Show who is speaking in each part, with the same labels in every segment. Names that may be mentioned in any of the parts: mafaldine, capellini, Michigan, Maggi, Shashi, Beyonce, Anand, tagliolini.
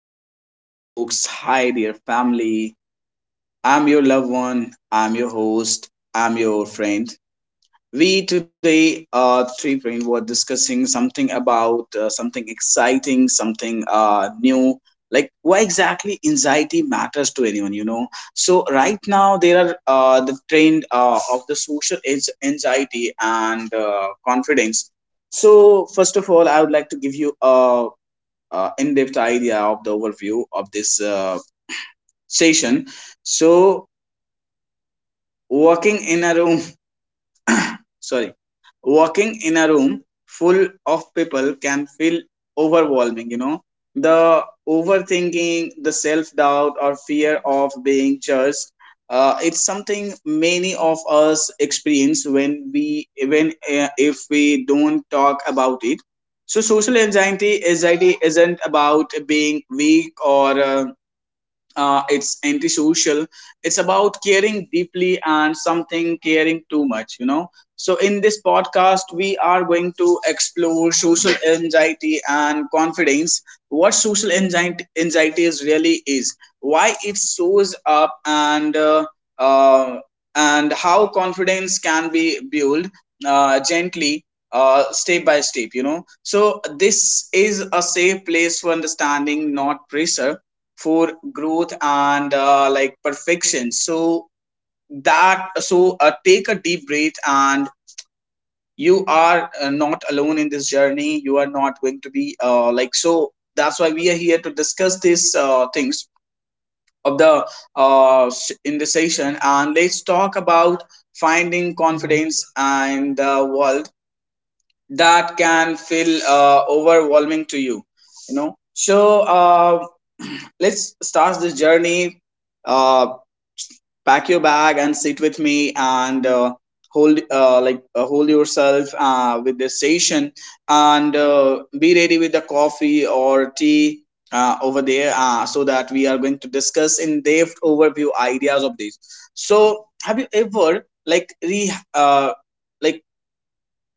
Speaker 1: Dear listener. Hi, dear folks. Hi, dear family. I'm your loved one. I'm your host. I'm your friend. We today, three friends, were discussing something about something exciting, something new. Like why exactly anxiety matters to anyone, you know? So right now there are the trend of the social anxiety and confidence. So first of all, I would like to give you a in-depth idea of the overview of this session. So, walking in a room, sorry, walking in a room full of people can feel overwhelming. The overthinking, the self-doubt, or fear of being judged. It's something many of us experience when we when if we don't talk about it. So social anxiety isn't about being weak or it's antisocial. It's about caring deeply and something caring too much. So in this podcast we are going to explore social anxiety and confidence, what social anxiety is really is, why it shows up, uh, and how confidence can be built, gently, step by step. So this is a safe place for understanding, not pressure for growth and perfection. So, take a deep breath, and you are not alone in this journey. You are not going to be that's why we are here to discuss these things of the in the session, and let's talk about finding confidence in the world that can feel overwhelming to you you know So, let's start this journey uh. Pack your bag and sit with me, and hold yourself with this session, and be ready with the coffee or tea over there, so that we are going to discuss in depth overview ideas of this. So have you ever like re like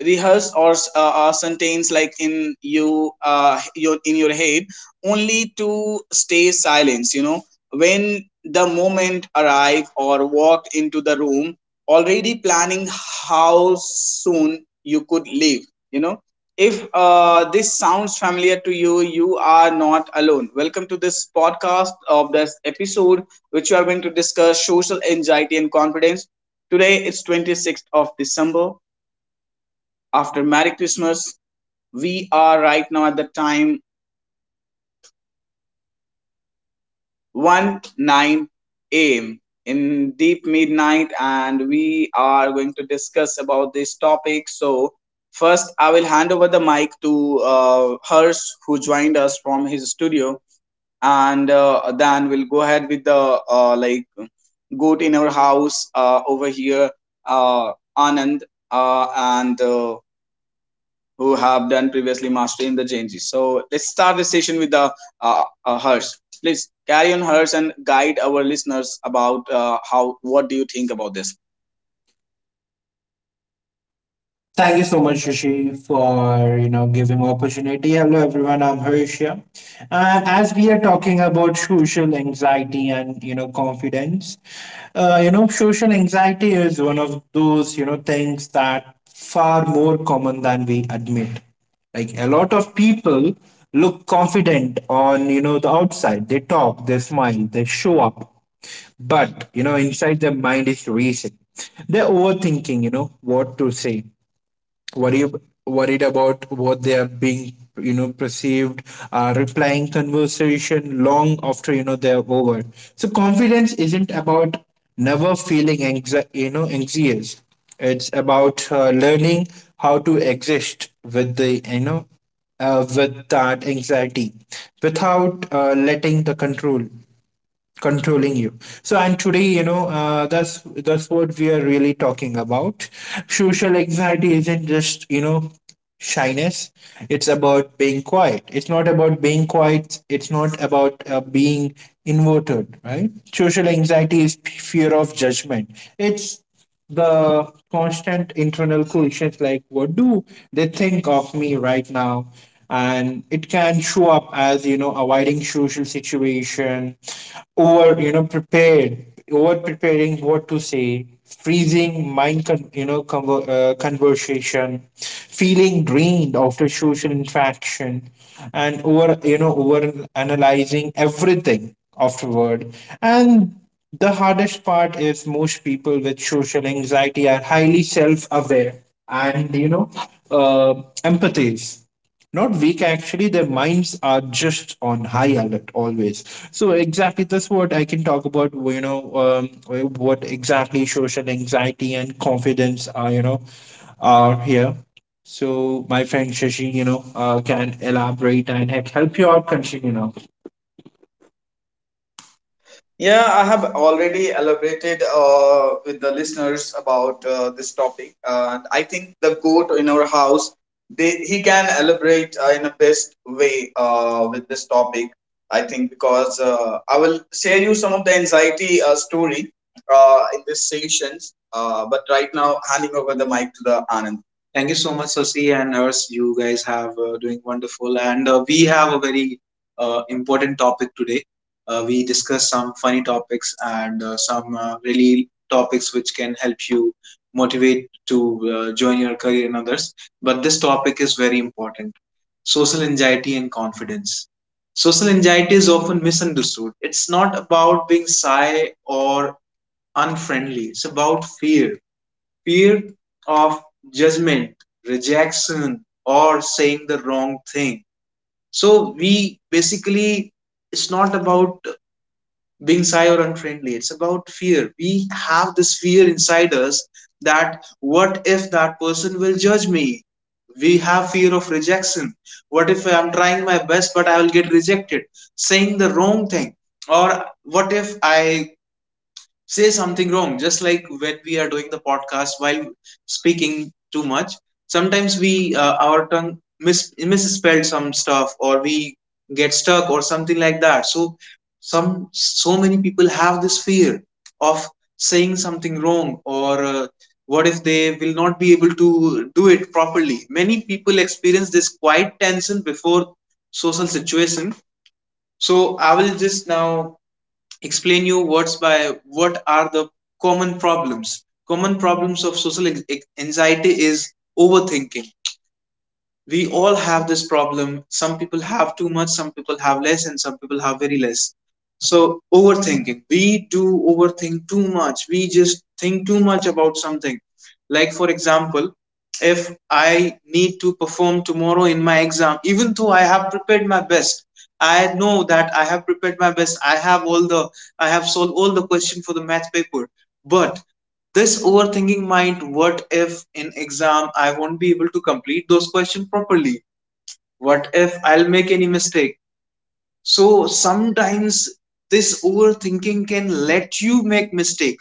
Speaker 1: rehearse or sentence like in your head, only to stay silence when the moment arrive, or walked into the room already planning how soon you could leave. If this sounds familiar to you, you are not alone. Welcome to this podcast of this episode, which we are going to discuss social anxiety and confidence. Today is 26th of December, after Merry Christmas. We are right now at the time 1 9 a.m. in deep midnight, and we are going to discuss about this topic. So, first, I will hand over the mic to Hers, who joined us from his studio, and then we'll go ahead with the uh, like goat in our house over here, Anand, and who have done previously mastery in the Genji. So let's start the session with the Hers. Please carry on, Hers, and guide our listeners about how. What do you think about this?
Speaker 2: Thank you so much, Shashi, for giving opportunity. Hello, everyone. I'm Harsh here. And as we are talking about social anxiety and confidence, social anxiety is one of those things that far more common than we admit. Like a lot of people look confident on the outside. They talk, they smile, they show up, but inside their mind is racing. They're overthinking. You know what to say, worry, worried about what they are being perceived, replying conversation long after they're over. So confidence isn't about never feeling anxious. It's about learning how to exist with the with that anxiety without letting the control, controlling you. So and today, that's what we are really talking about. Social anxiety isn't just shyness. It's not about being quiet, it's not about being inverted, right? Social anxiety is fear of judgment. It's the constant internal questions like, what do they think of me right now? And it can show up as avoiding social situation, over you know prepared over preparing what to say, freezing mind, conversation, feeling drained after social interaction, and over you know over analyzing everything afterward. And the hardest part is most people with social anxiety are highly self aware and, uh, empathies. Not weak, actually, their minds are just on high alert always. So, exactly that's what I can talk about, what exactly social anxiety and confidence are, are here. So, my friend Shashi, can elaborate and help you out continue now.
Speaker 1: Yeah, I have already elaborated with the listeners about this topic, and I think the goat in our house, he can elaborate in a best way with this topic. I think because I will share you some of the anxiety story in these sessions, but right now handing over the mic to the Anand. Thank you so much, Sasi and Hers. You guys have doing wonderful, and we have a very important topic today. We discuss some funny topics and some really topics which can help you motivate to join your career in others. But this topic is very important: social anxiety and confidence. Social anxiety is often misunderstood. It's not about being shy or unfriendly, it's about fear of judgment, rejection, or saying the wrong thing. So, we basically, it's not about being shy or unfriendly. It's about fear. We have this fear inside us that what if that person will judge me? We have fear of rejection. What if I'm trying my best but I will get rejected? Saying the wrong thing. Or what if I say something wrong, just like when we are doing the podcast while speaking too much, sometimes we our tongue misspelled some stuff, or we get stuck or something like that. So some so many people have this fear of saying something wrong, or what if they will not be able to do it properly. Many people experience this quiet tension before social situation. So I will just now explain you words by what are the common problems common problems of social anxiety is overthinking. We all have this problem. Some people have too much, some people have less, and some people have very less. So, overthinking. We do overthink too much. We just think too much about something. Like, for example, if I need to perform tomorrow in my exam, even though I have prepared my best, I know that I have prepared my best. I have solved all the question for the math paper. But this overthinking mind, what if in exam I won't be able to complete those questions properly? What if I'll make any mistake? So sometimes this overthinking can let you make mistake.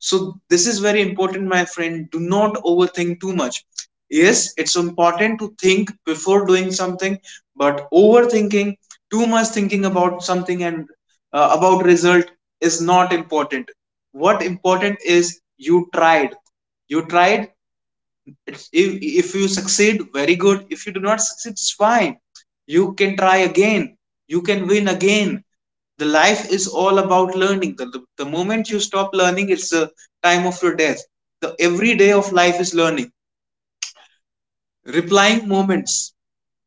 Speaker 1: So, this is very important, my friend. Do not overthink too much. Yes, it's important to think before doing something, but overthinking, too much thinking about something and about result is not important. What important is you tried. You tried it's, If you succeed, very good. If you do not succeed, it's fine. You can try again. You can win again. The life is all about learning. The moment you stop learning, it's the time of your death. The every day of life is learning. Replying moments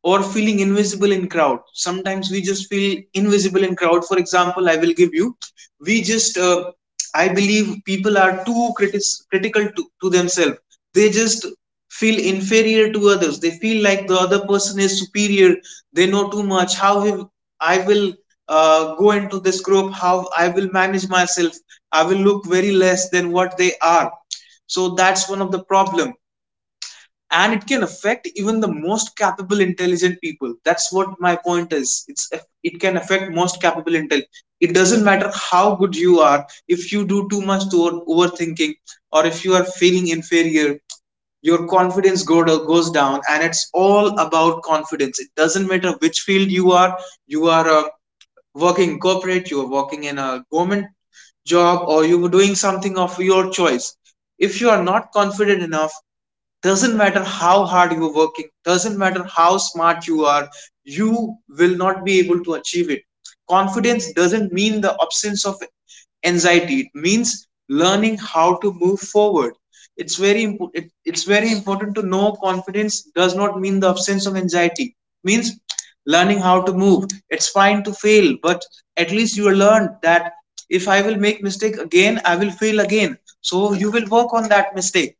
Speaker 1: or feeling invisible in crowd. Sometimes we just feel invisible in crowd. For example, I will give you, we just I believe people are too critical to themselves. They just feel inferior to others. They feel like the other person is superior. They know too much. How I will go into this group, how I will manage myself. I will look very less than what they are. So that's one of the problem, and it can affect even the most capable intelligent people. That's what my point is. It can affect most capable intel it doesn't matter how good you are. If you do too much to overthinking, or if you are feeling inferior, your confidence go goes down. And it's all about confidence. It doesn't matter which field you are. You are working in corporate, you are working in a government job, or you were doing something of your choice. If you are not confident enough, doesn't matter how hard you're working, doesn't matter how smart you are, you will not be able to achieve it. Confidence doesn't mean the absence of anxiety. It means learning how to move forward. It's very important to know confidence does not mean the absence of anxiety. It means learning how to move. It's fine to fail, but at least you learned that. If I will make mistake again, I will fail again, so you will work on that mistake.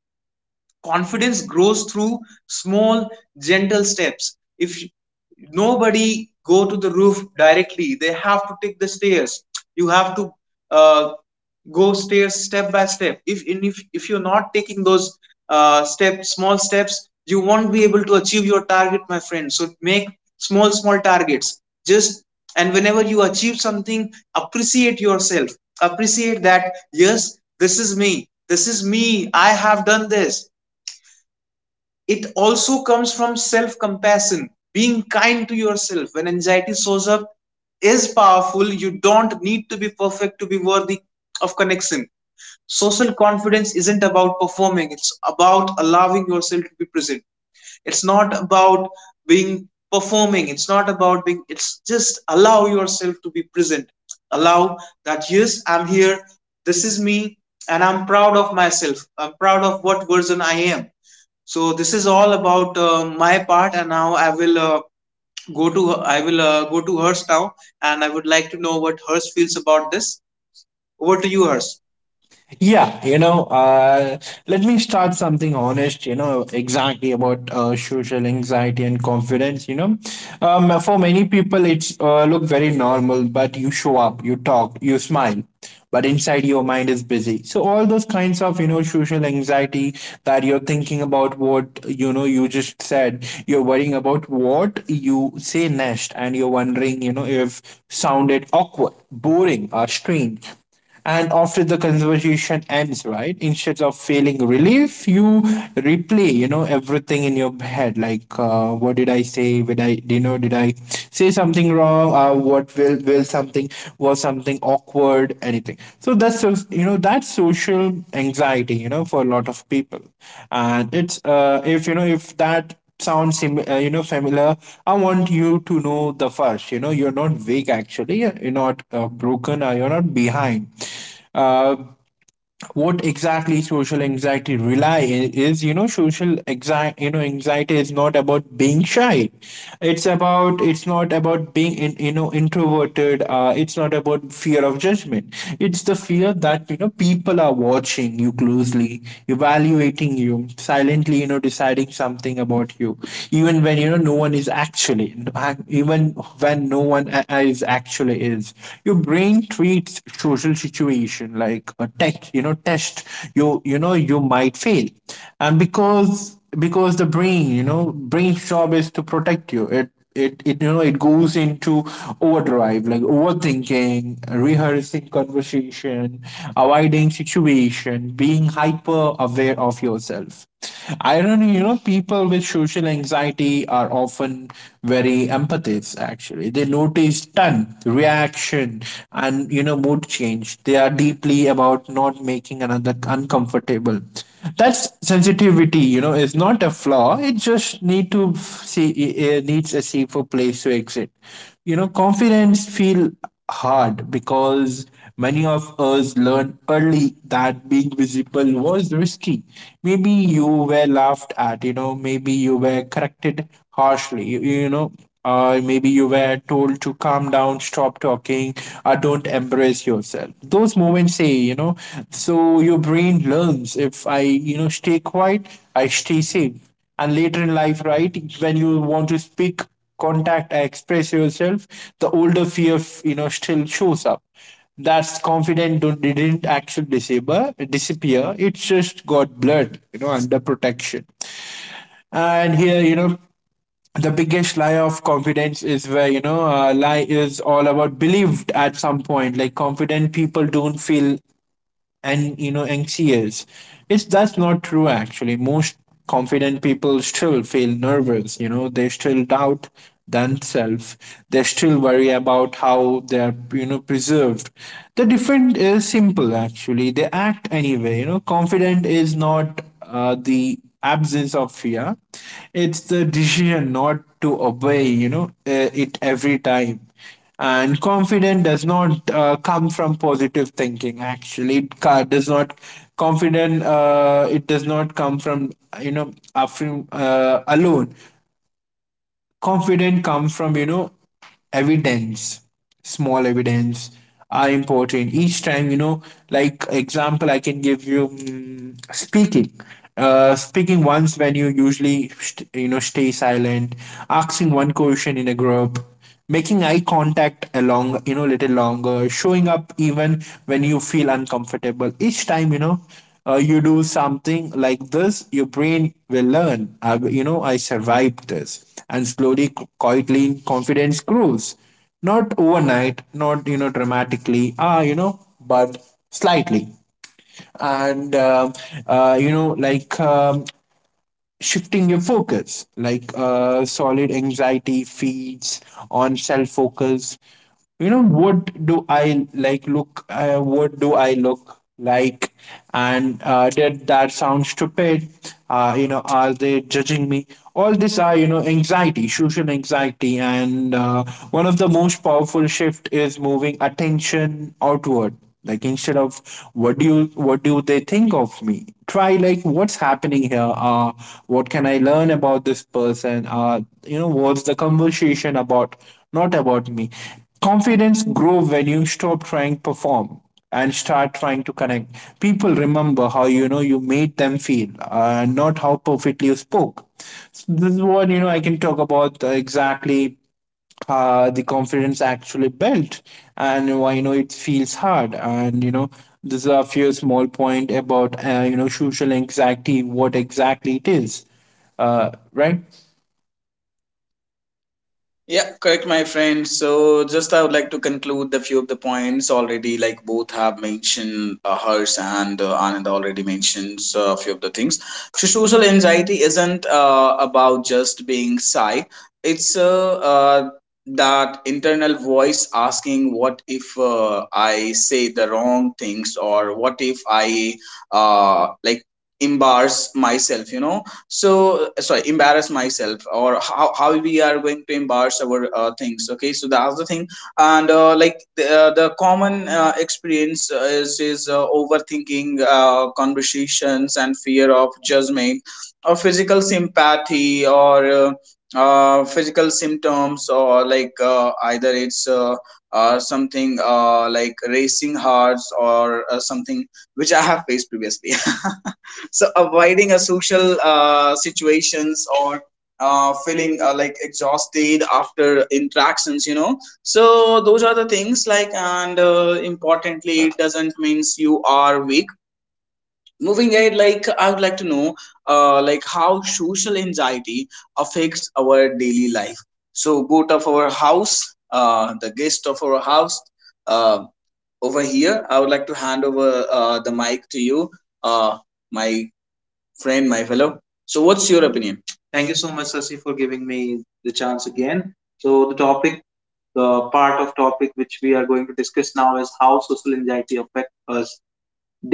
Speaker 1: Confidence grows through small, gentle steps. If nobody go to the roof directly, they have to take the stairs. You have to uh, go stairs step by step. If and if, if you're not taking those steps, you won't be able to achieve your target, my friend. So make small targets, just and whenever you achieve something, appreciate yourself. Appreciate that yes, this is me. This is me. I have done this. It also comes from self compassion being kind to yourself when anxiety shows up is powerful. You don't need to be perfect to be worthy of connection. Social confidence isn't about performing. It's about allowing yourself to be present. It's not about being performing. It's not about being. It's just allow yourself to be present. Allow that yes, I'm here. This is me. And I'm proud of myself. I'm proud of what version I am. So this is all about my part, and now I will go to go to Hers now, and I would like to know what Hers feels about this. Over to you, Hers.
Speaker 2: Yeah, let me start something honest, exactly about social anxiety and confidence, for many people, it's look very normal, but you show up, you talk, you smile, but inside your mind is busy. So all those kinds of, social anxiety that you're thinking about what, you just said, you're worrying about what you say next, and you're wondering, if sounded awkward, boring, or strange. And after the conversation ends, right, instead of feeling relief, you replay everything in your head like, what did I say? Did I say something wrong? What Will something, was something awkward, anything? So that's social anxiety, for a lot of people. And it's, if that sounds familiar, I want you to know the first, you're not weak, actually, you're not broken, or you're not behind. Uh, what exactly social anxiety is, you know social anxiety you know anxiety is not about being shy. It's not about being in, introverted. It's not about fear of judgment. It's the fear that people are watching you closely, evaluating you silently, deciding something about you, even when no one is actually, even when no one a- is actually is Your brain treats meet social situation like a tech you know test. You might fail. And Because the brain's job is to protect you, it you know it goes into overdrive, like overthinking, rehearsing conversation, avoiding situation, being hyper aware of yourself. Irony, people with social anxiety are often very empaths, actually. They know notice done reaction and mood change. They are deeply about not making another uncomfortable. That's sensitivity, it's not a flaw. It just see, it needs a safer place to exit. Confidence feel hard because many of us learned early that being visible was risky. Maybe you were laughed at, maybe you were corrected harshly, or maybe you were told to calm down, stop talking, or don't embrace yourself. Those moments say, so your brain learns, if I, stay quiet, I stay safe. And later in life, right, when you want to speak, contact, express yourself, the older fear still shows up. That's confident don't didn't actually disappear, it just got blurred under protection. And here, the biggest lie of confidence is where, lie is all about believed at some point, like confident people don't feel and anxious. It's, that's not true, actually. Most confident people still feel nervous, they still doubt themselves. They still worry about how they are preserved. The difference is simple, actually, they act anyway, confident is not the absence of fear. It's the decision not to obey, it every time. And confident does not come from positive thinking. Actually, does not confident. It does not come from alone. Confidence comes from, evidence. Small evidence are important each time, like example I can give you, speaking once when you usually stay silent, asking one question in a group, making eye contact along, little longer, showing up even when you feel uncomfortable. Each time, you do something like this, your brain will learn, I, I survived this, and slowly, quietly, confidence grows. Not overnight, not dramatically. But slightly. And, uh, you know, like um, shifting your focus, like, solid anxiety feeds on self focus. What do I like look, what do I look like, and, did that sound stupid? Are they judging me? All these are, anxiety, social anxiety. And, one of the most powerful shift is moving attention outward, like instead of what do they think of me, try like, what's happening here? What can I learn about this person? What's the conversation about? Not about me. Confidence grow when you stop trying to perform and start trying to connect. People remember how, you made them feel, not how perfectly you spoke. So this is what, I can talk about, exactly, the confidence actually built. And I know it feels hard, and, this is a few small point about, social anxiety, what exactly it is, right.
Speaker 1: Yeah, correct, my friend. So, just I would like to conclude the few of the points already, like both have mentioned. Hers and Anand already mentions a few of the things. So, social anxiety isn't about just being shy. It's that internal voice asking, what if I say the wrong things, or what if I uh, like embarrass myself, you know? So sorry, embarrass myself or how we are going to embarrass our things. Okay, so that's the thing. And like the common experience is overthinking conversations and fear of judgment or physical sympathy or physical symptoms, or like either it's something like racing hearts or something which I have faced previously. So avoiding a social situations or feeling like exhausted after interactions. So those are the things, like, and importantly, it doesn't means you are weak. Moving ahead, like, I would like to know like how social anxiety affects our daily life. So go to our house, the guest of our house, uh, over here I would like to hand over the mic to you, uh, my friend, my fellow. So, what's your opinion? Thank you so much, Sasi, for giving me the chance again. So the topic, the part of topic which we are going to discuss now is how social anxiety affects us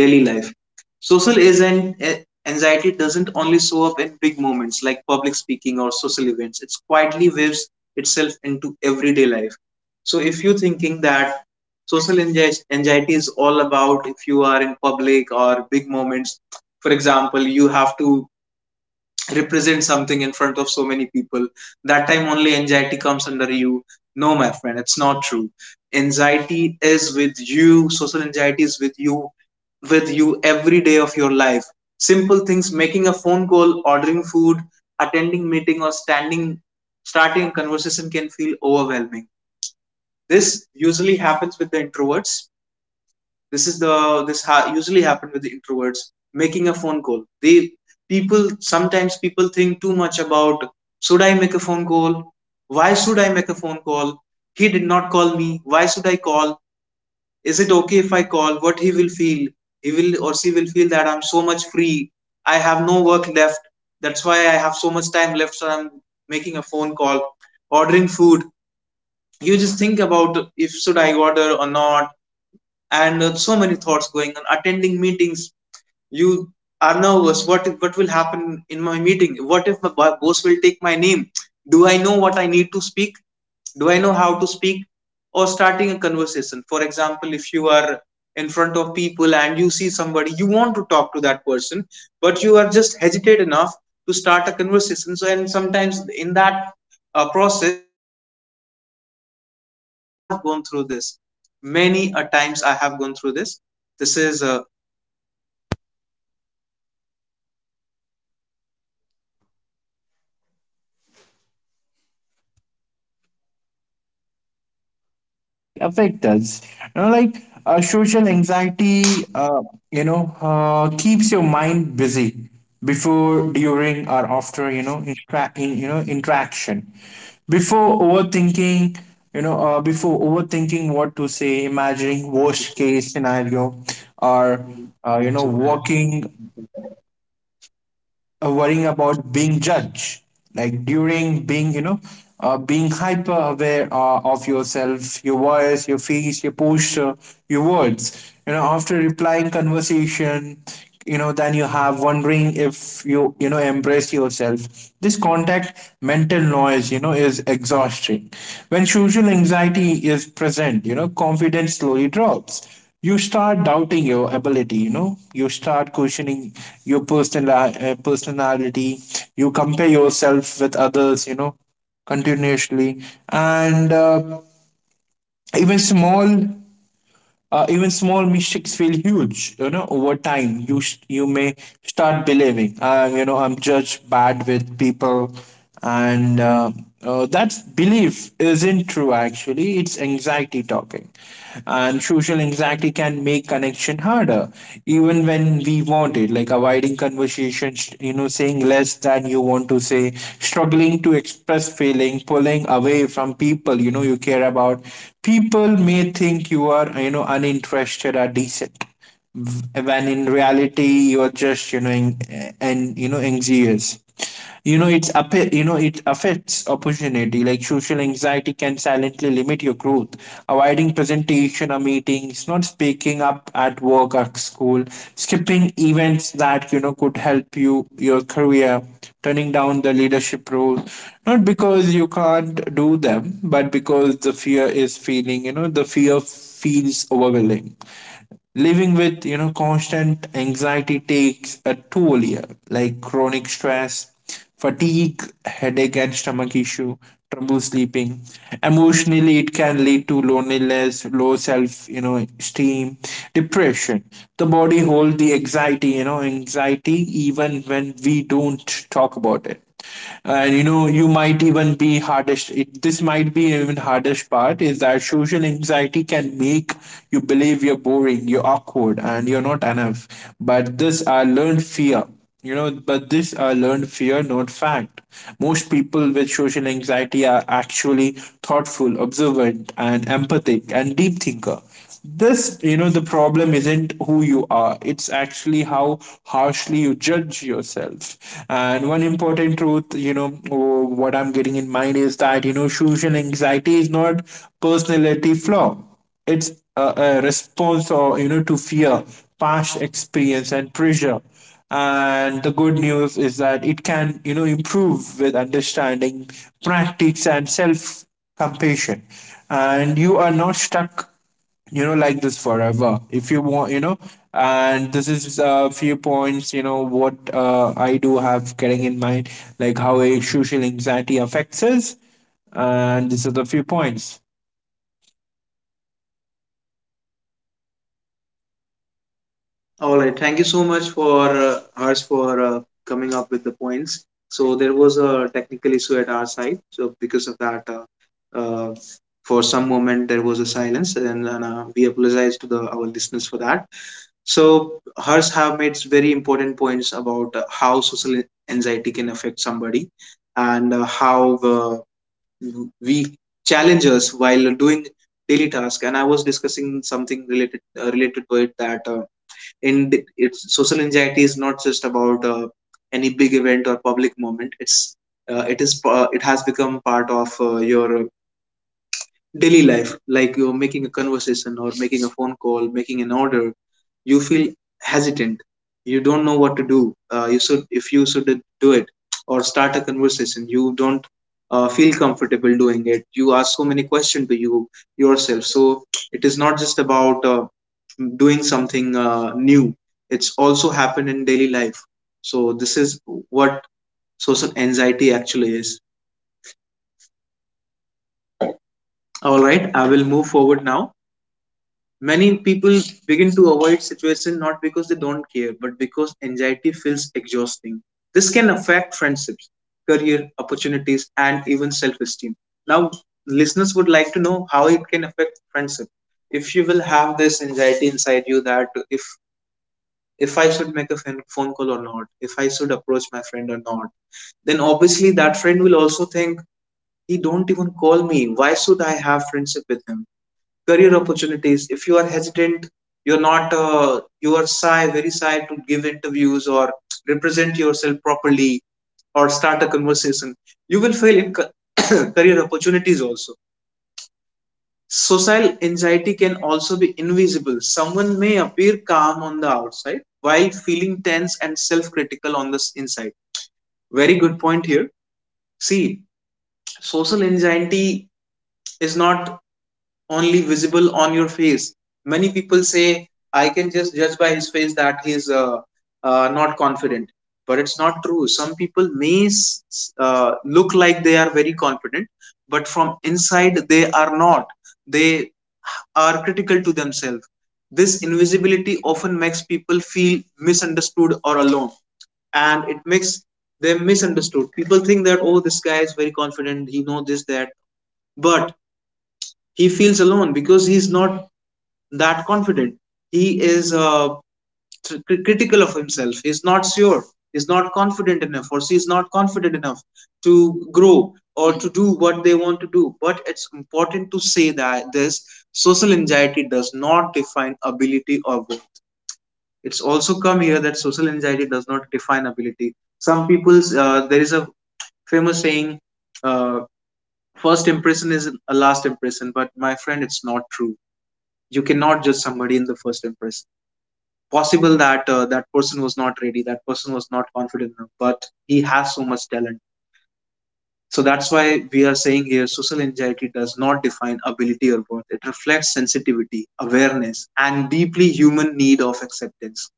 Speaker 1: daily life. Social is an eh, anxiety doesn't only show up in big moments like public speaking or social events. It quietly weaves itself into everyday life. So if you're thinking that social anxiety is all about if you are in public or big moments, for example, you have to represent something in front of so many people. That time only anxiety comes under you. No, my friend, it's not true. Anxiety is with you, social anxiety is with you every day of your life. Simple things, making a phone call, ordering food, attending meeting, or standing, starting a conversation can feel overwhelming. This usually happens with the introverts. This is the this ha- Usually happen with the introverts making a phone call. They, people, sometimes people think too much about, should I make a phone call, why should I make a phone call, he did not call me, why should I call, is it okay if I call, what he will feel, he will or she will feel that I'm so much free, I have no work left, that's why I have so much time left, so I'm making a phone call. Ordering food, you just think about, if should I order or not. And so many thoughts going on. Attending meetings, you are nervous, what if, what will happen in my meeting, what if my boss will take my name, do I know what I need to speak, do I know how to speak. Or starting a conversation, for example, if you are in front of people and you see somebody you want to talk to that person, but you are just hesitant enough to start a conversation. So, and sometimes in that process, many people ignore people, and I have gone through this. Many a times I have gone through this. This is
Speaker 2: Yeah, see, I do have points, about it, you know, how social, anxiety affect us. You know, like Social anxiety, keeps your mind busy before, during, or after, interaction. Before overthinking, before overthinking what to say, imagining worst case scenario, or you know, working worrying about being judged. Like during being, being hyper aware of yourself, your voice, your face, your posture, your words. After replying conversation, then you have wondering if you, you know embrace yourself. This contact mental noise, is exhausting. When social anxiety is present, confidence slowly drops, you start doubting your ability, you start questioning your personal, personality. You compare yourself with others, continuously. And, even small even small mistakes feel huge. Over time, you may start believing, I'm judged bad with people. And, that belief isn't true, actually, it's anxiety talking. And social anxiety can make connection harder even when we want it, like avoiding conversation emotions, saying less than you want to say, struggling to express feeling, pulling away from people, you care about. People may think you are, uninterested or decent when in reality, you're just you know and you know anxious. You know it's up. It affects opportunity. Like, social anxiety can silently limit your growth, avoiding presentation or meetings, not speaking up at work or school, skipping events that could help you your career, turning down the leadership role, not because you can't do them, but because the fear feels overwhelming. Living with constant anxiety takes a toll here, like chronic stress, fatigue, headache and stomach issue, trouble sleeping. Emotionally, it can lead to loneliness, low self esteem, depression. The body holds the anxiety, anxiety, even when we don't talk about it. And you know you might even be hardest it, this might be even hardest part is that social anxiety can make you believe you're boring you're awkward and you're not enough but this are learned fear you know but this are learned fear, not fact. Most people with social anxiety are actually thoughtful, observant and empathic, and deep thinker. This you know the problem isn't who you are, it's actually how harshly you judge yourself. And one important truth, what I'm getting in mind is that social anxiety is not personality flaw. It's a response or to fear, past experience and pressure. And the good news is that it can improve with understanding, practice and self compassion. And you are not stuck like this forever, if you want, you know. And this is a few points, you know what I do have getting in mind, like how a social anxiety affects us. And these are the few points.
Speaker 1: all right. Thank you so much for Harsh for coming up with the points. So there was a technical issue at our side. So because of that, for some moment there was a silence, and, we apologize to the our listeners for that. So Harsh have made very important points about how social anxiety can affect somebody, and how uh, we challenge us while doing daily task. And I was discussing something related to it that. In it's social anxiety is not just about any big event or public moment. It's it has become part of your daily life, like you're making a conversation or making a phone call, making an order, you feel hesitant, you don't know what to do, you should, if you should do it, or start a conversation, you don't feel comfortable doing it, you ask so many questions to you yourself. So it is not just about doing something new, it's also happen in daily life. So this is what social anxiety actually is. All right, I will move forward now. Many people begin to avoid situation not because they don't care, but because anxiety feels exhausting. This can affect friendships, career opportunities, and even self-esteem. Now, listeners would like to know how it can affect friendship. If you will have this anxiety inside you that if I should make a phone call or not, if I should approach my friend or not, then obviously that friend will also think, he don't even call me, why should I have friendship with him? Career opportunities, if you are hesitant, you're not you are shy, very shy to give interviews or represent yourself properly, or start a conversation, you will fail in ca- career opportunities also. Social anxiety can also be invisible. Someone may appear calm on the outside while feeling tense and self-critical on the inside. Very good point here. See, social anxiety is not only visible on your face. Many people say, I can just judge by his face that he's not confident. But it's not true. Some people may look like they are very confident, but from inside they are not. They are critical to themselves. This invisibility often makes people feel misunderstood or alone, and it makes them misunderstood. People think that, oh, this guy is very confident, he knows this, that, but he feels alone because he's not that confident. He is tr- critical of himself. He's not sure. He's not confident enough, or she's not confident enough to grow or to do what they want to do. But it's important to say that this social anxiety does not define ability or worth. It's also come here that social anxiety does not define ability. Some people's there is a famous saying, uh, first impression is a last impression. But my friend, it's not true. You cannot judge somebody in the first impression. Possible that that person was not ready, that person was not confident enough, but he has so much talent. So that's why we are saying here, social anxiety does not define ability or worth. It reflects sensitivity, awareness, and deeply human need of acceptance.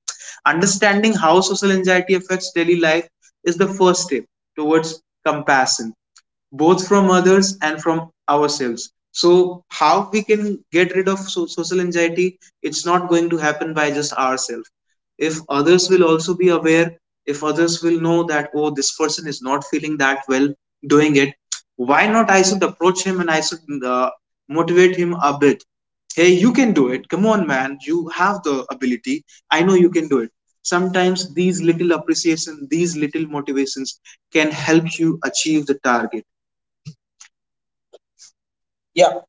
Speaker 1: Understanding how social anxiety affects daily life is the first step towards compassion, both from others and from ourselves. So, how we can get rid of social anxiety? It's not going to happen by just ourselves. If others will also be aware, if others will know that, oh, this person is not feeling that well doing it, why not I should approach him and I should motivate him a bit? Hey, you can do it. Come on, man. You have the ability. I know you can do it. Sometimes these little appreciation, these little motivations can help you achieve the target. Yeah,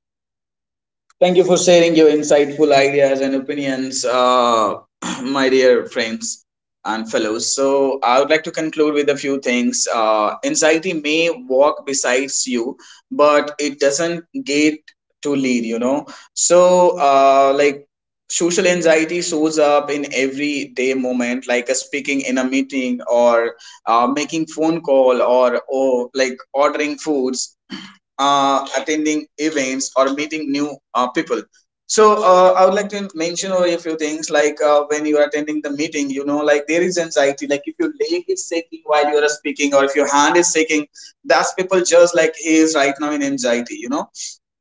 Speaker 1: thank you for sharing your insightful ideas and opinions, my dear friends and fellows. So, I would like to conclude with a few things. Anxiety may walk besides you, but it doesn't get to lead, you know. So, like, social anxiety shows up in everyday moment, like speaking in a meeting, or making phone call, or like ordering foods, attending events or meeting new people. So I would like to mention over a few things, like when you are attending the meeting, you know, like there is anxiety. Like if your leg is shaking while you are speaking, or if your hand is shaking, that's people just like he is right now in anxiety. You know,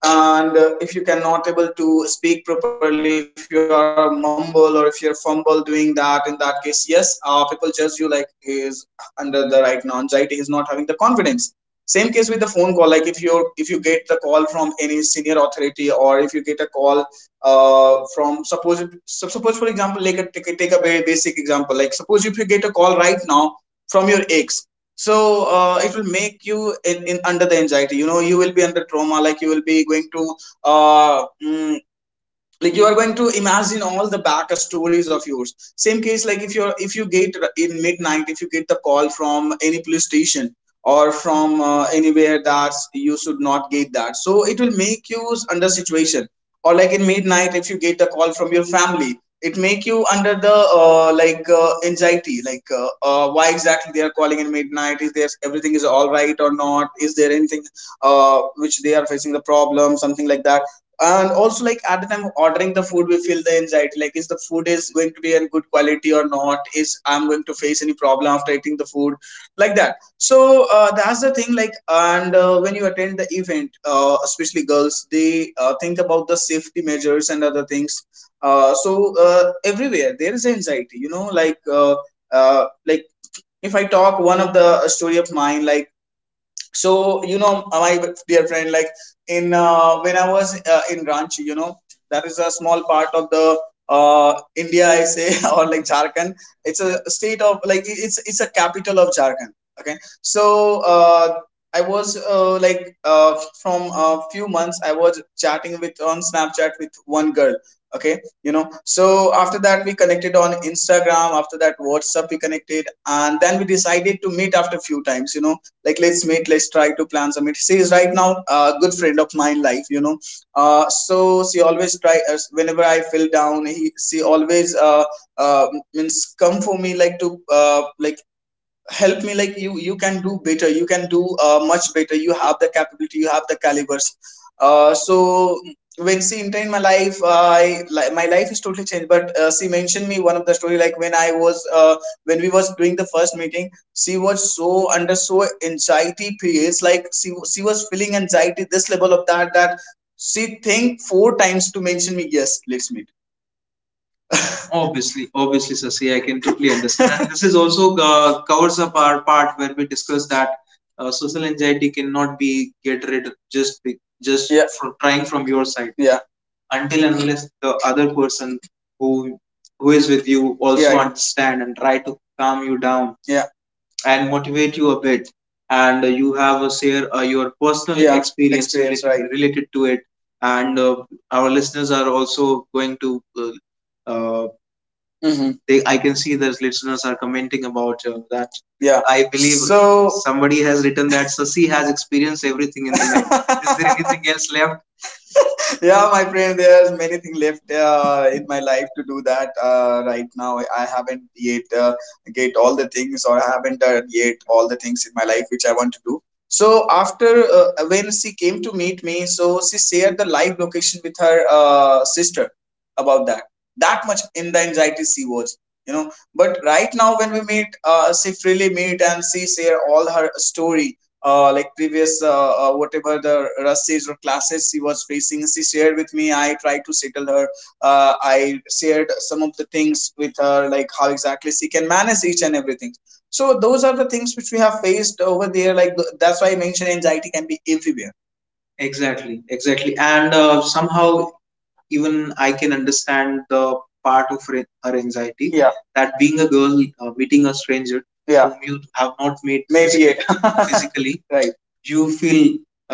Speaker 1: and if you cannot able to speak properly if you are a mumble or if you're fumble doing that, in that case yes, people judge you like he is under the right now anxiety, he's not having the confidence. Same case with the phone call, like if you get the call from any senior authority, or if you get a call from suppose so suppose for example, like take a very basic example, like suppose if you get a call right now from your ex. So it will make you in under the anxiety, you know, you will be under trauma, like you will be going to uh, mm, like you are going to imagine all the back stories of yours. Same case, like if you get in midnight, if you get the call from any police station, or from anywhere that you should not get that, so it will make you under situation. Or like in midnight if you get the call from your family, it make you under the anxiety, like why exactly they are calling in midnight, is there everything is all right or not, is there anything which they are facing the problem, something like that. And also like at the time of ordering the food, we feel the anxiety like is the food is going to be in good quality or not, is I'm going to face any problem after eating the food, like that. So that's the thing. Like, and when you attend the event, especially girls, they think about the safety measures and other things. Everywhere there is anxiety, you know, like if I talk one of the story of mine, like, so you know, my dear friend, like in when I was in Ranchi, you know, that is a small part of the India, I say or like Jharkhand, it's a state of, like it's a capital of Jharkhand. Okay, so uh, I was uh, from a few months I was chatting with on Snapchat with one girl. Okay. You know, so after that we connected on Instagram, after that WhatsApp we connected, and then we decided to meet after a few times, you know, like let's meet, let's try to plan some. Meet. She is right now a good friend of mine life, you know. So she always try, whenever I feel down, she always uh, means come for me, like to help me, like you can do better, you can do much better, you have the capability, you have the calibers. uh, so when she entered in my life, my life is totally changed, but she mentioned me one of the story, like when I was when we was doing the first meeting, she was so under so anxiety periods, like she was feeling anxiety this level of that she think four times to mention me, yes let's meet. Obviously, Sasi, I can totally understand. This is also covers up our part where we discuss that social anxiety cannot be get rid of just yeah from trying from your side, yeah, until and unless the other person who who is with you, yeah, also understand and try to calm you down, yeah, and motivate you a bit. And you have a share your personal, yeah, experience related, right, related to it. And our listeners are also going to uh, hmm. They, I can see that listeners are commenting about that. Yeah, I believe. So somebody has written that Sasi has experienced everything in the life. Is there anything else left? Yeah, my friend, there's many things left in my life to do that. Right now I haven't yet get all the things, or I haven't done yet all the things in my life which I want to do. So after, when she came to meet me, so she shared the live location with her sister about that. That much in the anxiety she was, you know. But right now when we meet, she freely meet and she share all her story, like previous whatever the rushes or classes she was facing, she shared with me, I tried to settle her. I shared some of the things with her, like how exactly she can manage each and everything. So those are the things which we have faced over there, like that's why I mentioned anxiety can be everywhere. Exactly. And somehow even I can understand the part of her anxiety, yeah, that being a girl, meeting a stranger, yeah, whom you have not met, maybe it physically, right, you feel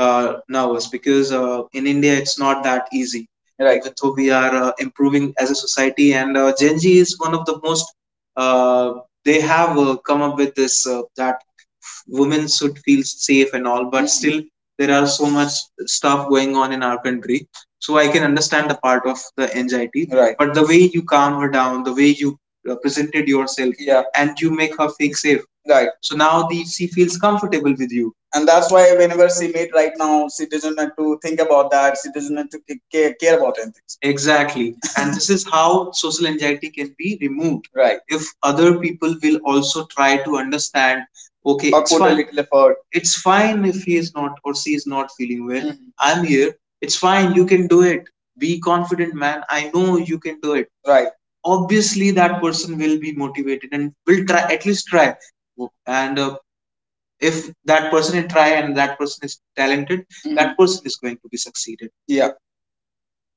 Speaker 1: nervous, because in India it's not that easy. Right. Even though we are improving as a society, and Gen Z is one of the most uh, they have come up with this that women should feel safe and all, but mhm, still there are so much stuff going on in our country. So I can understand the part of the anxiety. Right. But the way you calm her down, the way you presented yourself, yeah, and you make her feel safe, right, so now the she feels comfortable with you. And that's why whenever she meet right now, she doesn't have to think about that. She doesn't have to care about anything. Exactly. And this is how social anxiety can be removed. Right. If other people will also try to understand. Okay. Or it's put a fine little effort. It's fine if he is not or she is not feeling well. Mhm. I'm here, it's fine, you can do it. Be confident, man. I know you can do it. Right. Obviously, that person will be motivated and will try, at least try. And if that person is try and that person is talented, mhm, that person is going to be succeeded. Yeah.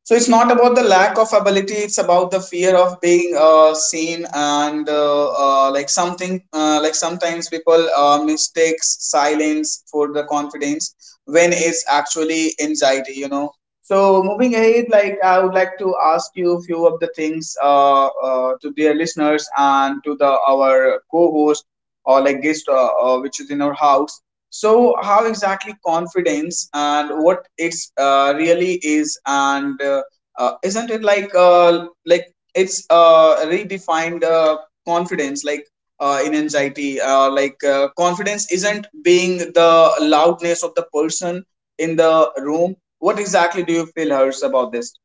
Speaker 1: So it's not about the lack of ability, it's about the fear of being seen, and like something, like sometimes people mistakes silence for the confidence when it's actually anxiety, you know. So moving ahead, like I would like to ask you a few of the things, to dear listeners and to the our co-host, or like guest which is in our house. So, how exactly confidence and what it's really is, and isn't it like it's redefined confidence, like in anxiety, confidence isn't being the loudness of the person in the room. What exactly do you feel, Hers, about this?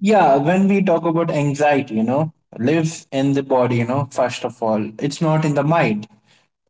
Speaker 2: Yeah, when we talk about anxiety, lives in the body, first of all, it's not in the mind.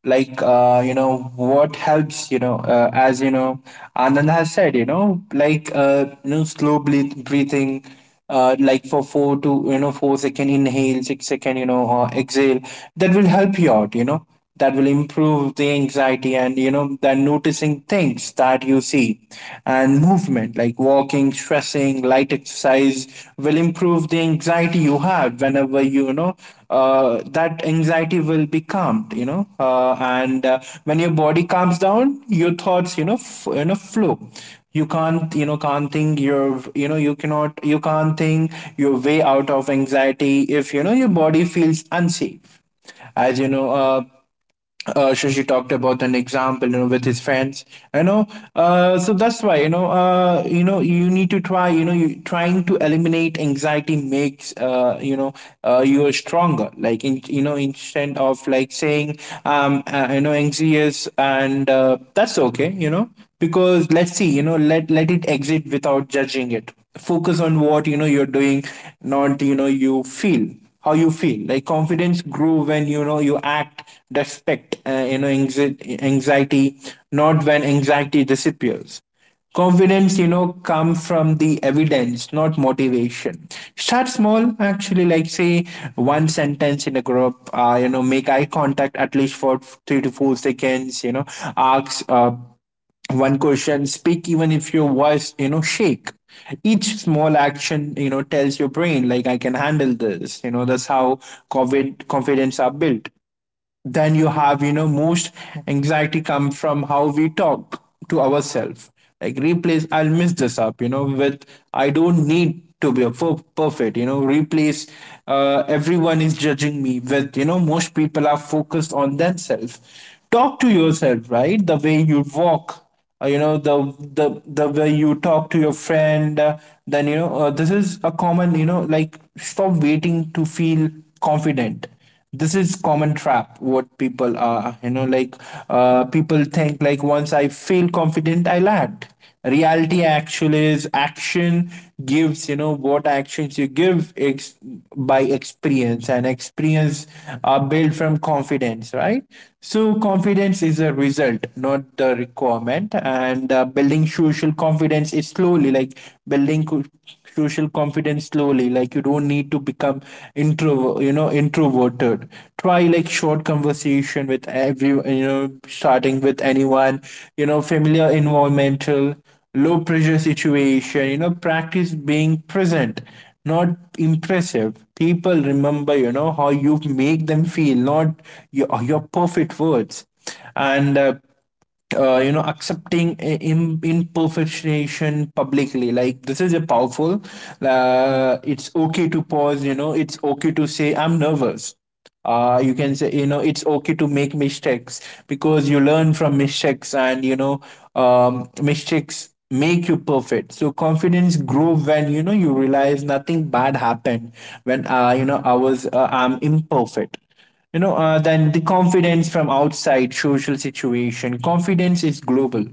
Speaker 2: Like, what helps, as Anand has said, slow breathing, like for four to, 4 second inhale, 6 second, exhale, that will help you out, that will improve the anxiety. And, then noticing things that you see, and movement like walking, stressing, doing light exercise will improve the anxiety you have whenever you, you know that anxiety will be calmed, you know And when your body calms down, your thoughts flow. You can't you know can't think your, you know you cannot you can't think your way out of anxiety if your body feels unsafe. As Shashi talked about an example, with his friends, you know. So that's why, you need to try, you, trying to eliminate anxiety makes, you are stronger. Like, instead of like saying, anxious, and that's okay, because let's see, let it exit without judging it. Focus on what you're doing, not you feel how you feel. Like confidence grew when you act respect anxiety, not when anxiety disappears. Confidence come from the evidence, not motivation. Start small, actually, like say one sentence in a group, make eye contact at least for 3 to 4 seconds, ask one question, speak even if your voice shake. Each small action tells your brain like I can handle this, that's how covid confidence are built. Then you have, you know most anxiety come from how we talk to ourselves. Like replace I'll mess this up, you know with I don't need to be a perfect, replace everyone is judging me with most people are focused on themselves. Talk to yourself right the way you walk, the the way you talk to your friend. Then you know This is a common, stop waiting to feel confident. This is common trap what people are, you know like people think, like, once I feel confident I land. Reality actually is action gives what actions you give by experience, and experience are built from confidence, right? So confidence is a result, not the requirement. And Building social confidence is slowly, like social confidence slowly. Like, you don't need to become introverted. Try like short conversation with every you know starting with anyone, familiar environmental, low pressure situation, practice being present, not impressive. People remember how you make them feel, not your perfect words. And you know Accepting imperfection publicly, like this is a powerful. Uh, it's okay to pause, it's okay to say I'm nervous. Uh, you can say, it's okay to make mistakes because you learn from mistakes. And you know Mistakes make you perfect. So confidence grow when you realize nothing bad happened when I was I'm imperfect, you know Then the confidence from outside social situation, confidence is global.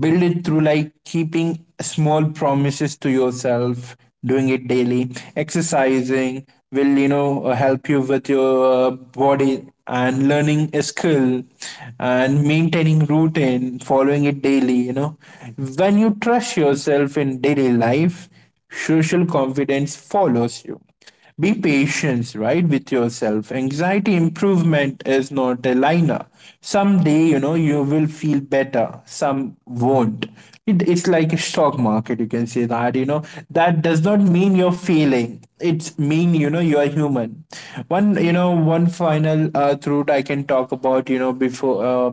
Speaker 2: Build it through like keeping small promises to yourself, doing it daily, exercising will help you with your body, and learning a skill, and maintaining routine, following it daily, you know. When you trust yourself in daily life, social confidence follows you. Be patient, right, with yourself. Anxiety improvement is not a liner. Someday, you will feel better. Some won't. It's like a stock market, you can say that, That does not mean you're failing. It's mean, you're human. One final truth I can talk about, before... Uh,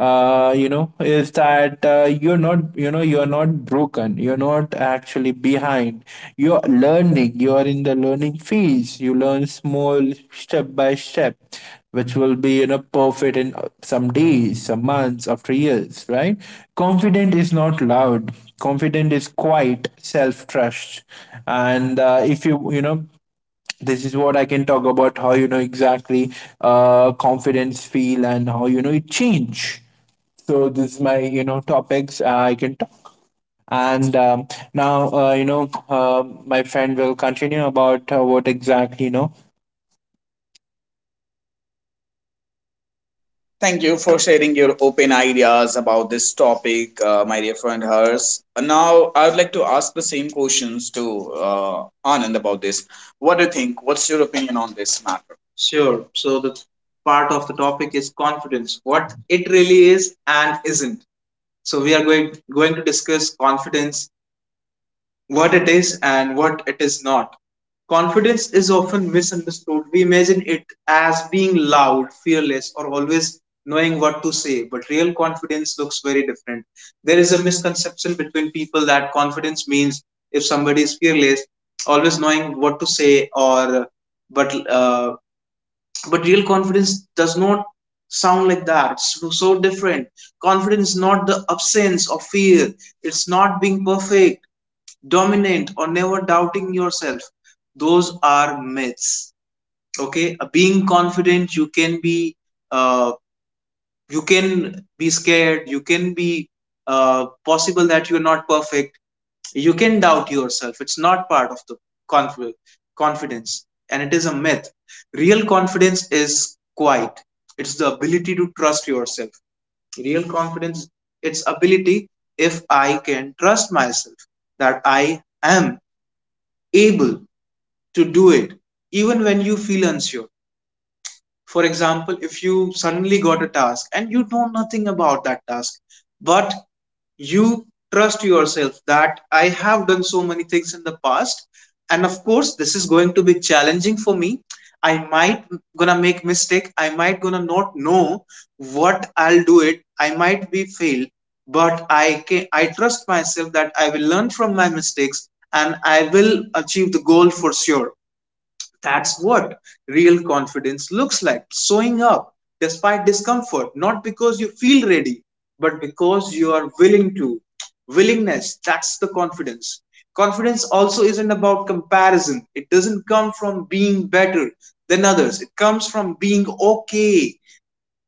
Speaker 2: uh, you know, Is that you're not, you're not broken. You're not actually behind. You're learning. You are in the learning phase. You learn small, step by step, which will be, perfect in some days, some months, after years, right? Confident is not loud. Confident is quiet, self trust. And If you, this is what I can talk about how exactly confidence feel and how it change. So this is my topics I can talk. And now you know My friend will continue about what exactly
Speaker 1: Thank you for sharing your open ideas about this topic, my dear friend Hers. Now, I would like to ask the same questions to Anand about this. What do you think? What's your opinion on this matter? Sure. So the part of the topic is confidence, what it really is and isn't. So we are going to discuss confidence, what it is and what it is not. Confidence is often misunderstood. We imagine it as being loud, fearless, or always knowing what to say, but real confidence looks very different. There is a misconception between people that confidence means if somebody is fearless, always knowing what to say, or, but real confidence does not sound like that. It's so so different. Confidence is not the absence of fear. It's not being perfect, dominant, or never doubting yourself. Those are myths. Okay. Being confident, uh, you can be scared, you can be possible that you're not perfect, you can doubt yourself. It's not part of the conf- confidence, and it is a myth. Real confidence is quiet, it's the ability to trust yourself. Real confidence, its ability, if I can trust myself that I am able to do it, even when you feel unsure. For example, if you suddenly got a task and you know nothing about that task, but you trust yourself that I have done so many things in the past, and of course this is going to be challenging for me, I might gonna make mistake, I might gonna not know what I'll do it, I might be failed, but I trust myself that I will learn from my mistakes and I will achieve the goal for sure. That's what real confidence looks like: showing up despite discomfort, not because you feel ready, but because you are willing to. Willingness, that's the confidence. Confidence also isn't about comparison. It doesn't come from being better than others, it comes from being okay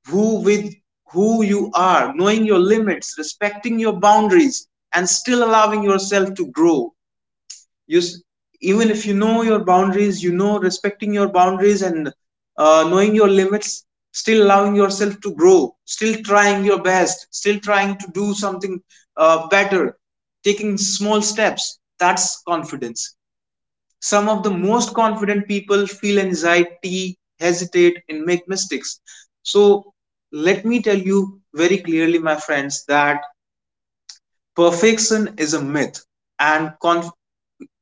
Speaker 1: who with who you are, knowing your limits, respecting your boundaries, and still allowing yourself to grow. You, even if you know your boundaries, you know, respecting your boundaries and knowing your limits, still allowing yourself to grow, still trying your best, still trying to do something better, taking small steps. That's confidence. Some of the most confident people feel anxiety, hesitate, and make mistakes. So let me tell you very clearly, my friends, that perfection is a myth. And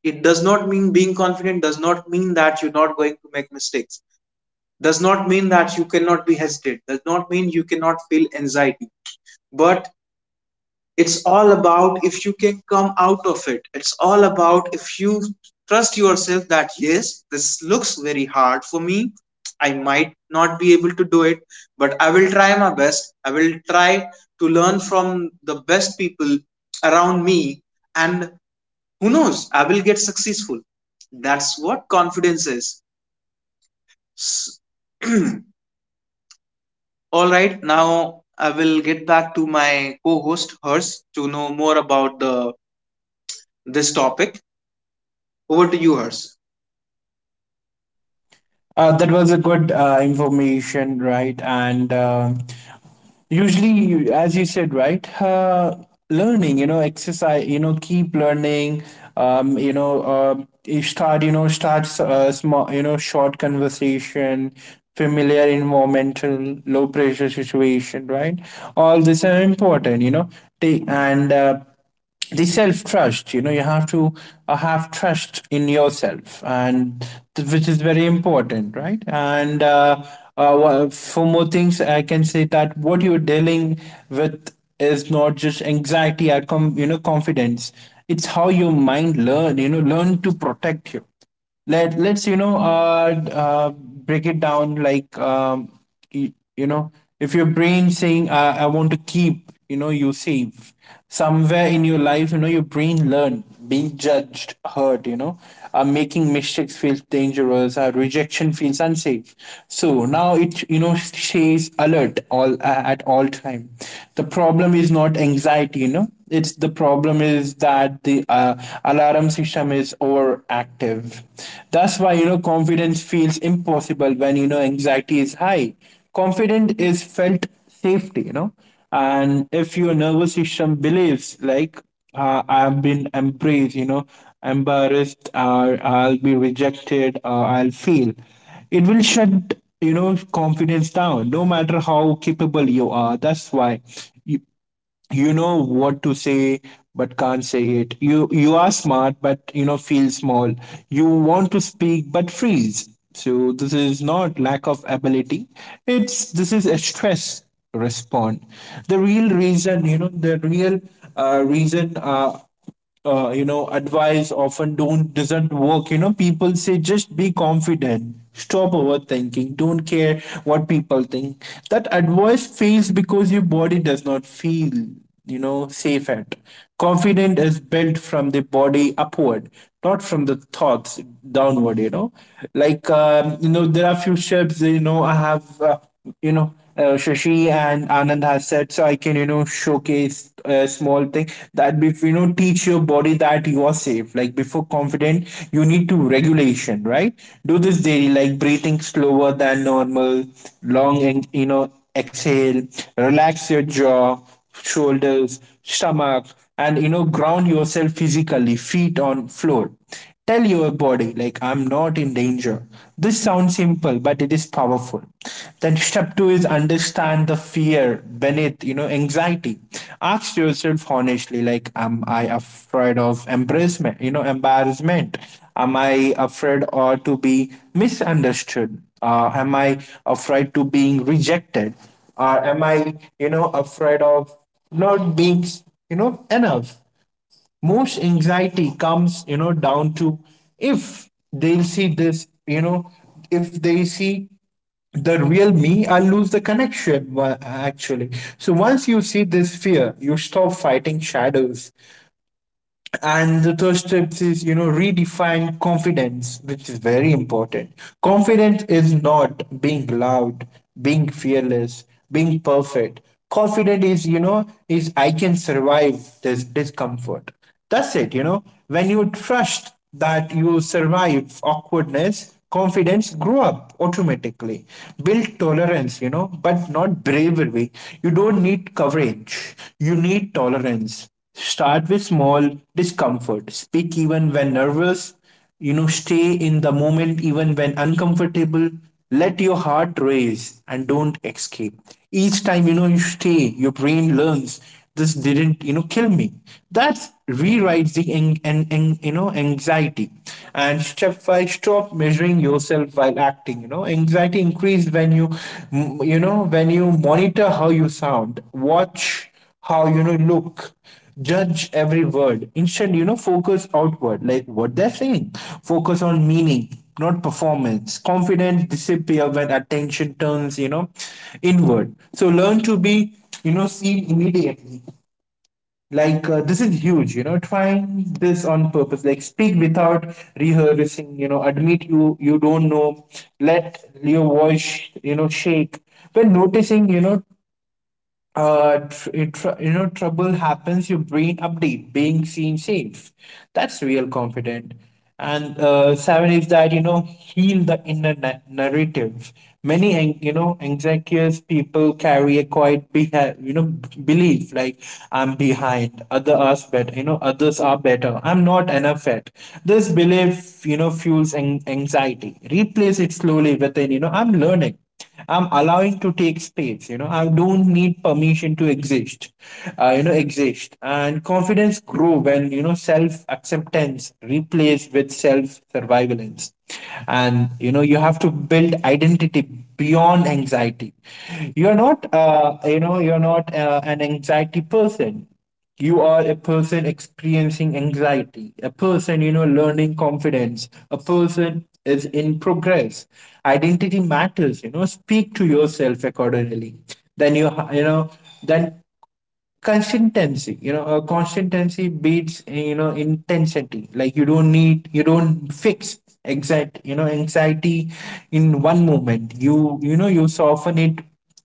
Speaker 1: it does not mean, being confident does not mean that you're not going to make mistakes, does not mean that you cannot be hesitant, does not mean you cannot feel anxiety. But it's all about if you can come out of it, it's all about if you trust yourself that yes, this looks very hard for me, I might not be able to do it, but I will try my best, I will try to learn from the best people around me, and who knows? I will get successful. That's what confidence is. All right, now I will get back to my co-host Hers to know more about the this topic. Over to you, Hers.
Speaker 2: that was a good information, right? and Usually as you said, right, learning, exercise, keep learning. um, you know uh, you start start small, short conversation, familiar environmental, low pressure situation, right, all this are important, take. And The self trust, you have to have trust in yourself, and which is very important, right? and uh, for more things I can say that what you're dealing with is not just anxiety or confidence. It's how your mind learn, learn to protect you. Let's break it down like you, you know if your brain saying, I want to keep, you save somewhere in your life, your brain learn being judged hurt, making mistakes feels dangerous, rejection feels unsafe. So now it stays alert all at all time. The problem is not anxiety, you know it's the problem is that that the alarm system is overactive. That's why confidence feels impossible when anxiety is high. Confident is felt safety, and if your nervous system believes like I've been embraced, embarrassed, or I'll be rejected, or I'll feel. It will shut, confidence down, no matter how capable you are. That's why you, you know what to say but can't say it. You are smart but feel small. You want to speak but freeze. So this is not lack of ability, it's this is a stress respond. The real reason, you know the real reason you know advice often don't doesn't work. People say just be confident, stop overthinking, don't care what people think. That advice fails because your body does not feel safe at. Confident is built from the body upward, not from the thoughts downward like there are few ships I have you know Shashi and Anand has said. So I can showcase a small thing that if teach your body that you are safe. Like before confident you need to regulation, right? Do this daily, like breathing slower than normal, long and exhale, relax your jaw, shoulders, stomach, and, ground yourself physically, feet on floor. Tell your body, like, I'm not in danger. This sounds simple, but it is powerful. Then step two is understand the fear beneath, anxiety. Ask yourself honestly, like, am I afraid of embarrassment, embarrassment? Am I afraid or to be misunderstood? Am I afraid to being rejected? Or am I afraid of not being enough? Most anxiety comes, down to, if they'll see this, if they see the real me I lose the connection, actually. So once you see this fear, you stop fighting shadows. And the third steps is, redefine confidence, which is very important. Confidence is not being loud, being fearless, being perfect. Confident is I can survive this discomfort. That's it. When you trust that you survive awkwardness, confidence grow up automatically. Build tolerance, but not bravery. You don't need courage. You need tolerance. Start with small discomfort. Speak even when nervous. Stay in the moment even when uncomfortable. Let your heart race and don't escape. Each time, you stay, your brain learns this didn't kill me. That rewrites the anxiety. And step five, stop measuring yourself while acting. Anxiety increases when you, mm, you know, when you monitor how you sound. Watch how you know look judge every word. Instead, focus outward, like what they're saying. Focus on meaning, not performance. Confidence disappear when attention turns inward, so learn to be seen immediately. Like, this is huge. Trying this on purpose, like speak without rehearsing, admit you don't know. Let your voice shake when noticing tr- it tr- you know trouble happens. Your brain update being seen safe. That's real confident. And seven is that heal the inner narrative. Many anxious people carry a quiet belief, like I'm behind, other are better, others are better, I'm not enough yet. This belief fuels anxiety. Replace it slowly within, I'm learning. I'm allowing to take space. I don't need permission to exist. Exist, and confidence grow when self acceptance replaced with self surveillance, and you have to build identity beyond anxiety. You're not an anxiety person. You are a person experiencing anxiety, a person learning confidence, a person is in progress. Identity matters. Speak to yourself accordingly. Then you ha- you know then consistency beats intensity, like you don't fix exact anxiety in one moment. You soften it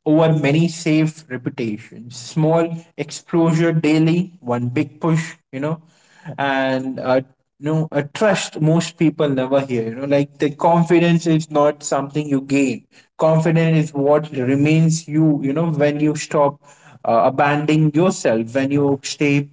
Speaker 2: over many safe reputations, small exposure daily, one big push. And you know a trust most people never hear, like the confidence is not something you gain. Confidence is what remains when you stop abandoning yourself, when you stay,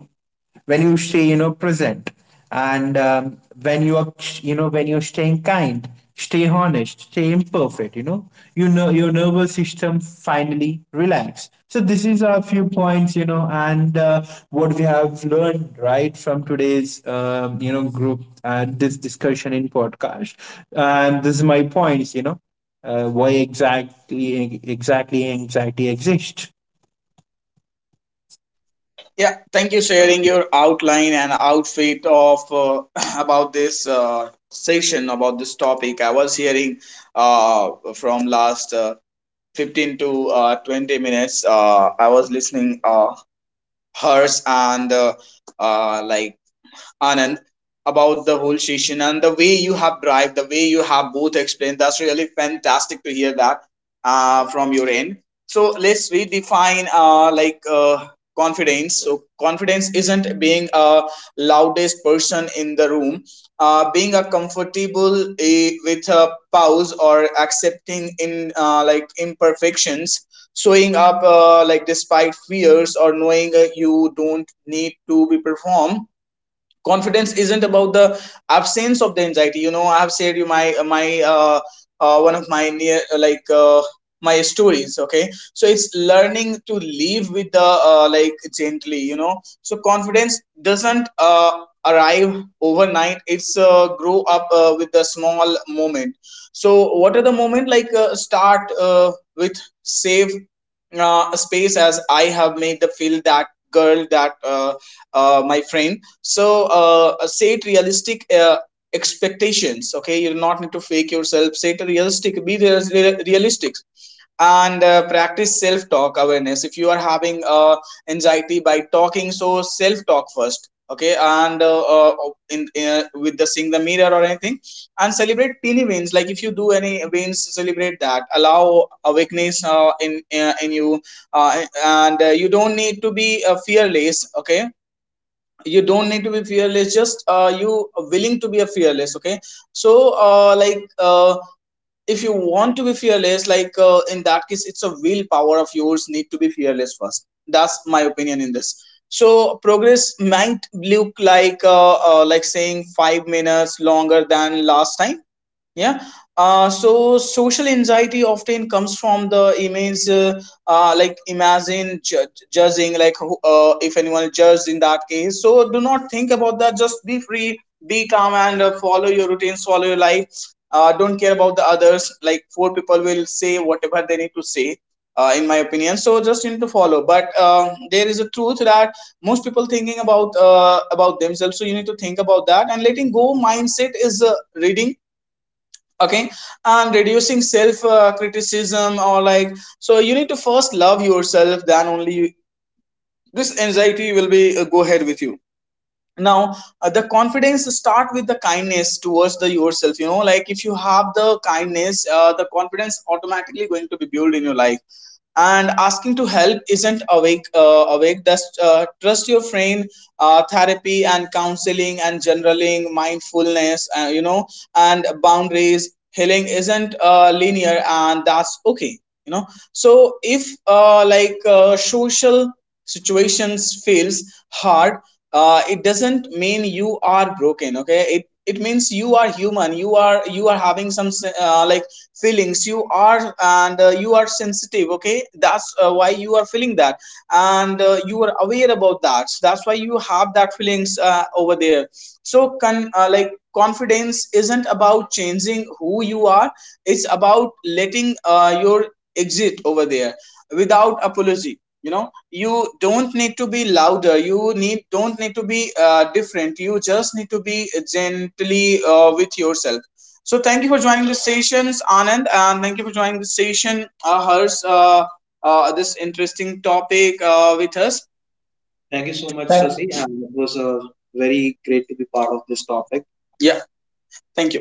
Speaker 2: when you stay present. And um, when you are you know when you're staying kind, stay honest, stay imperfect. Your nervous system finally relax. So this is a few points you know and What we have learned right from today's group and this discussion in podcast, and this is my points, why exactly anxiety exists.
Speaker 1: Yeah, thank you sharing your outline and outfit of, about this session about this topic. I was hearing uh, from last 15 to 20 minutes. I was listening hers and like Anand, about the whole session and the way you have drive, the way you have both explained. That's really fantastic to hear that from your end. So let's redefine confidence. So confidence isn't being a loudest person in the room. Being a comfortable with a pause or accepting in like imperfections showing up like despite fears or knowing you don't need to be perform. Confidence isn't about the absence of the anxiety. You know, I have shared you my one of my near my stories, okay. So it's learning to live with the like gently, you know. So confidence doesn't arrive overnight. It's grow up with the small moment. So what are the moment, like start with save space, as I have made the field that girl, that my friend. So say it realistic expectations, okay. You do not need to fake yourself. Say it realistic, be realistic. And practice self talk awareness. If you are having anxiety by talking, so self talk first, okay. And in with the seeing the mirror or anything. And celebrate teeny wins, like if you do any wins, celebrate that. Allow awakeness in you. And you don't need to be fearless, okay. You don't need to be fearless, just you willing to be a fearless, okay. So uh, like uh, if you want to be fearless, like in that case, it's a willpower of yours need to be fearless first. That's my opinion in this. So progress might look like like saying 5 minutes longer than last time. Yeah. So social anxiety often comes from the image, like imagine judging, like if anyone judged, in that case, so do not think about that. Just be free, be calm, and follow your routines, follow your life. Don't care about the others, like four people will say whatever they need to say, in my opinion. So just you need to follow. But there is a truth that most people thinking about themselves. So you need to think about that. And letting go mindset is reading, okay. And reducing self criticism or like. So you need to first love yourself, then only this anxiety will be go ahead with you. Now the confidence start with the kindness towards the yourself, you know. Like if you have the kindness, the confidence automatically going to be built in your life. And asking to help isn't awake awake, just trust your friend, therapy and counseling and generaling mindfulness, you know. And boundaries healing isn't linear, and that's okay, you know. So if social situations feels hard, it doesn't mean you are broken, okay. It means you are human. You are having some like feelings, you are, and you are sensitive, okay. That's why you are feeling that. And you are aware about that. That's why you have that feelings over there. So like confidence isn't about changing who you are. It's about letting your exit over there without apology, you know. You don't need to be louder. You need don't need to be different. You just need to be gently with yourself. So thank you for joining the sessions, Anand, and thank you for joining the session, hers, this interesting topic with us. Thank you so much, Sasi. And it was very great to be part of this topic. Yeah, thank you.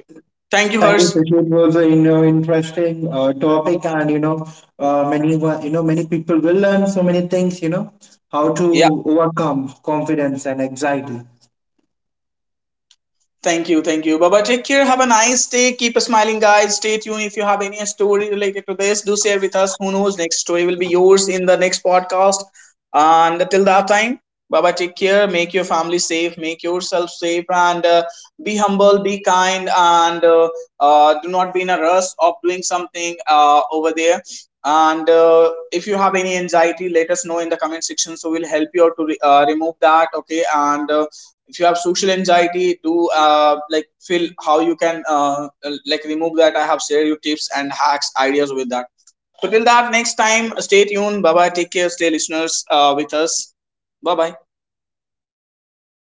Speaker 1: Thank you,
Speaker 2: Thank you,
Speaker 1: hers.
Speaker 2: Sushil. It was a interesting topic, and many wa- you know many people will learn so many things. How
Speaker 1: Yeah.
Speaker 2: to overcome confidence and anxiety.
Speaker 1: Thank you, thank you. Baba, take care. Have a nice day. Keep smiling, guys. Stay tuned. If you have any story related to this, do share with us. Who knows? Next story will be yours in the next podcast. And till that time, Baba, take care. Make your family safe. Make yourself safe. And be humble, be kind, and do not be in a rush of doing something over there. And if you have any anxiety, let us know in the comment section. So we'll help you out to remove that. Okay. And if you have social anxiety, do like feel how you can like remove that. I have shared you tips and hacks ideas with that. So till that next time, stay tuned. Bye bye. Take care. Stay listeners with us. Bye bye.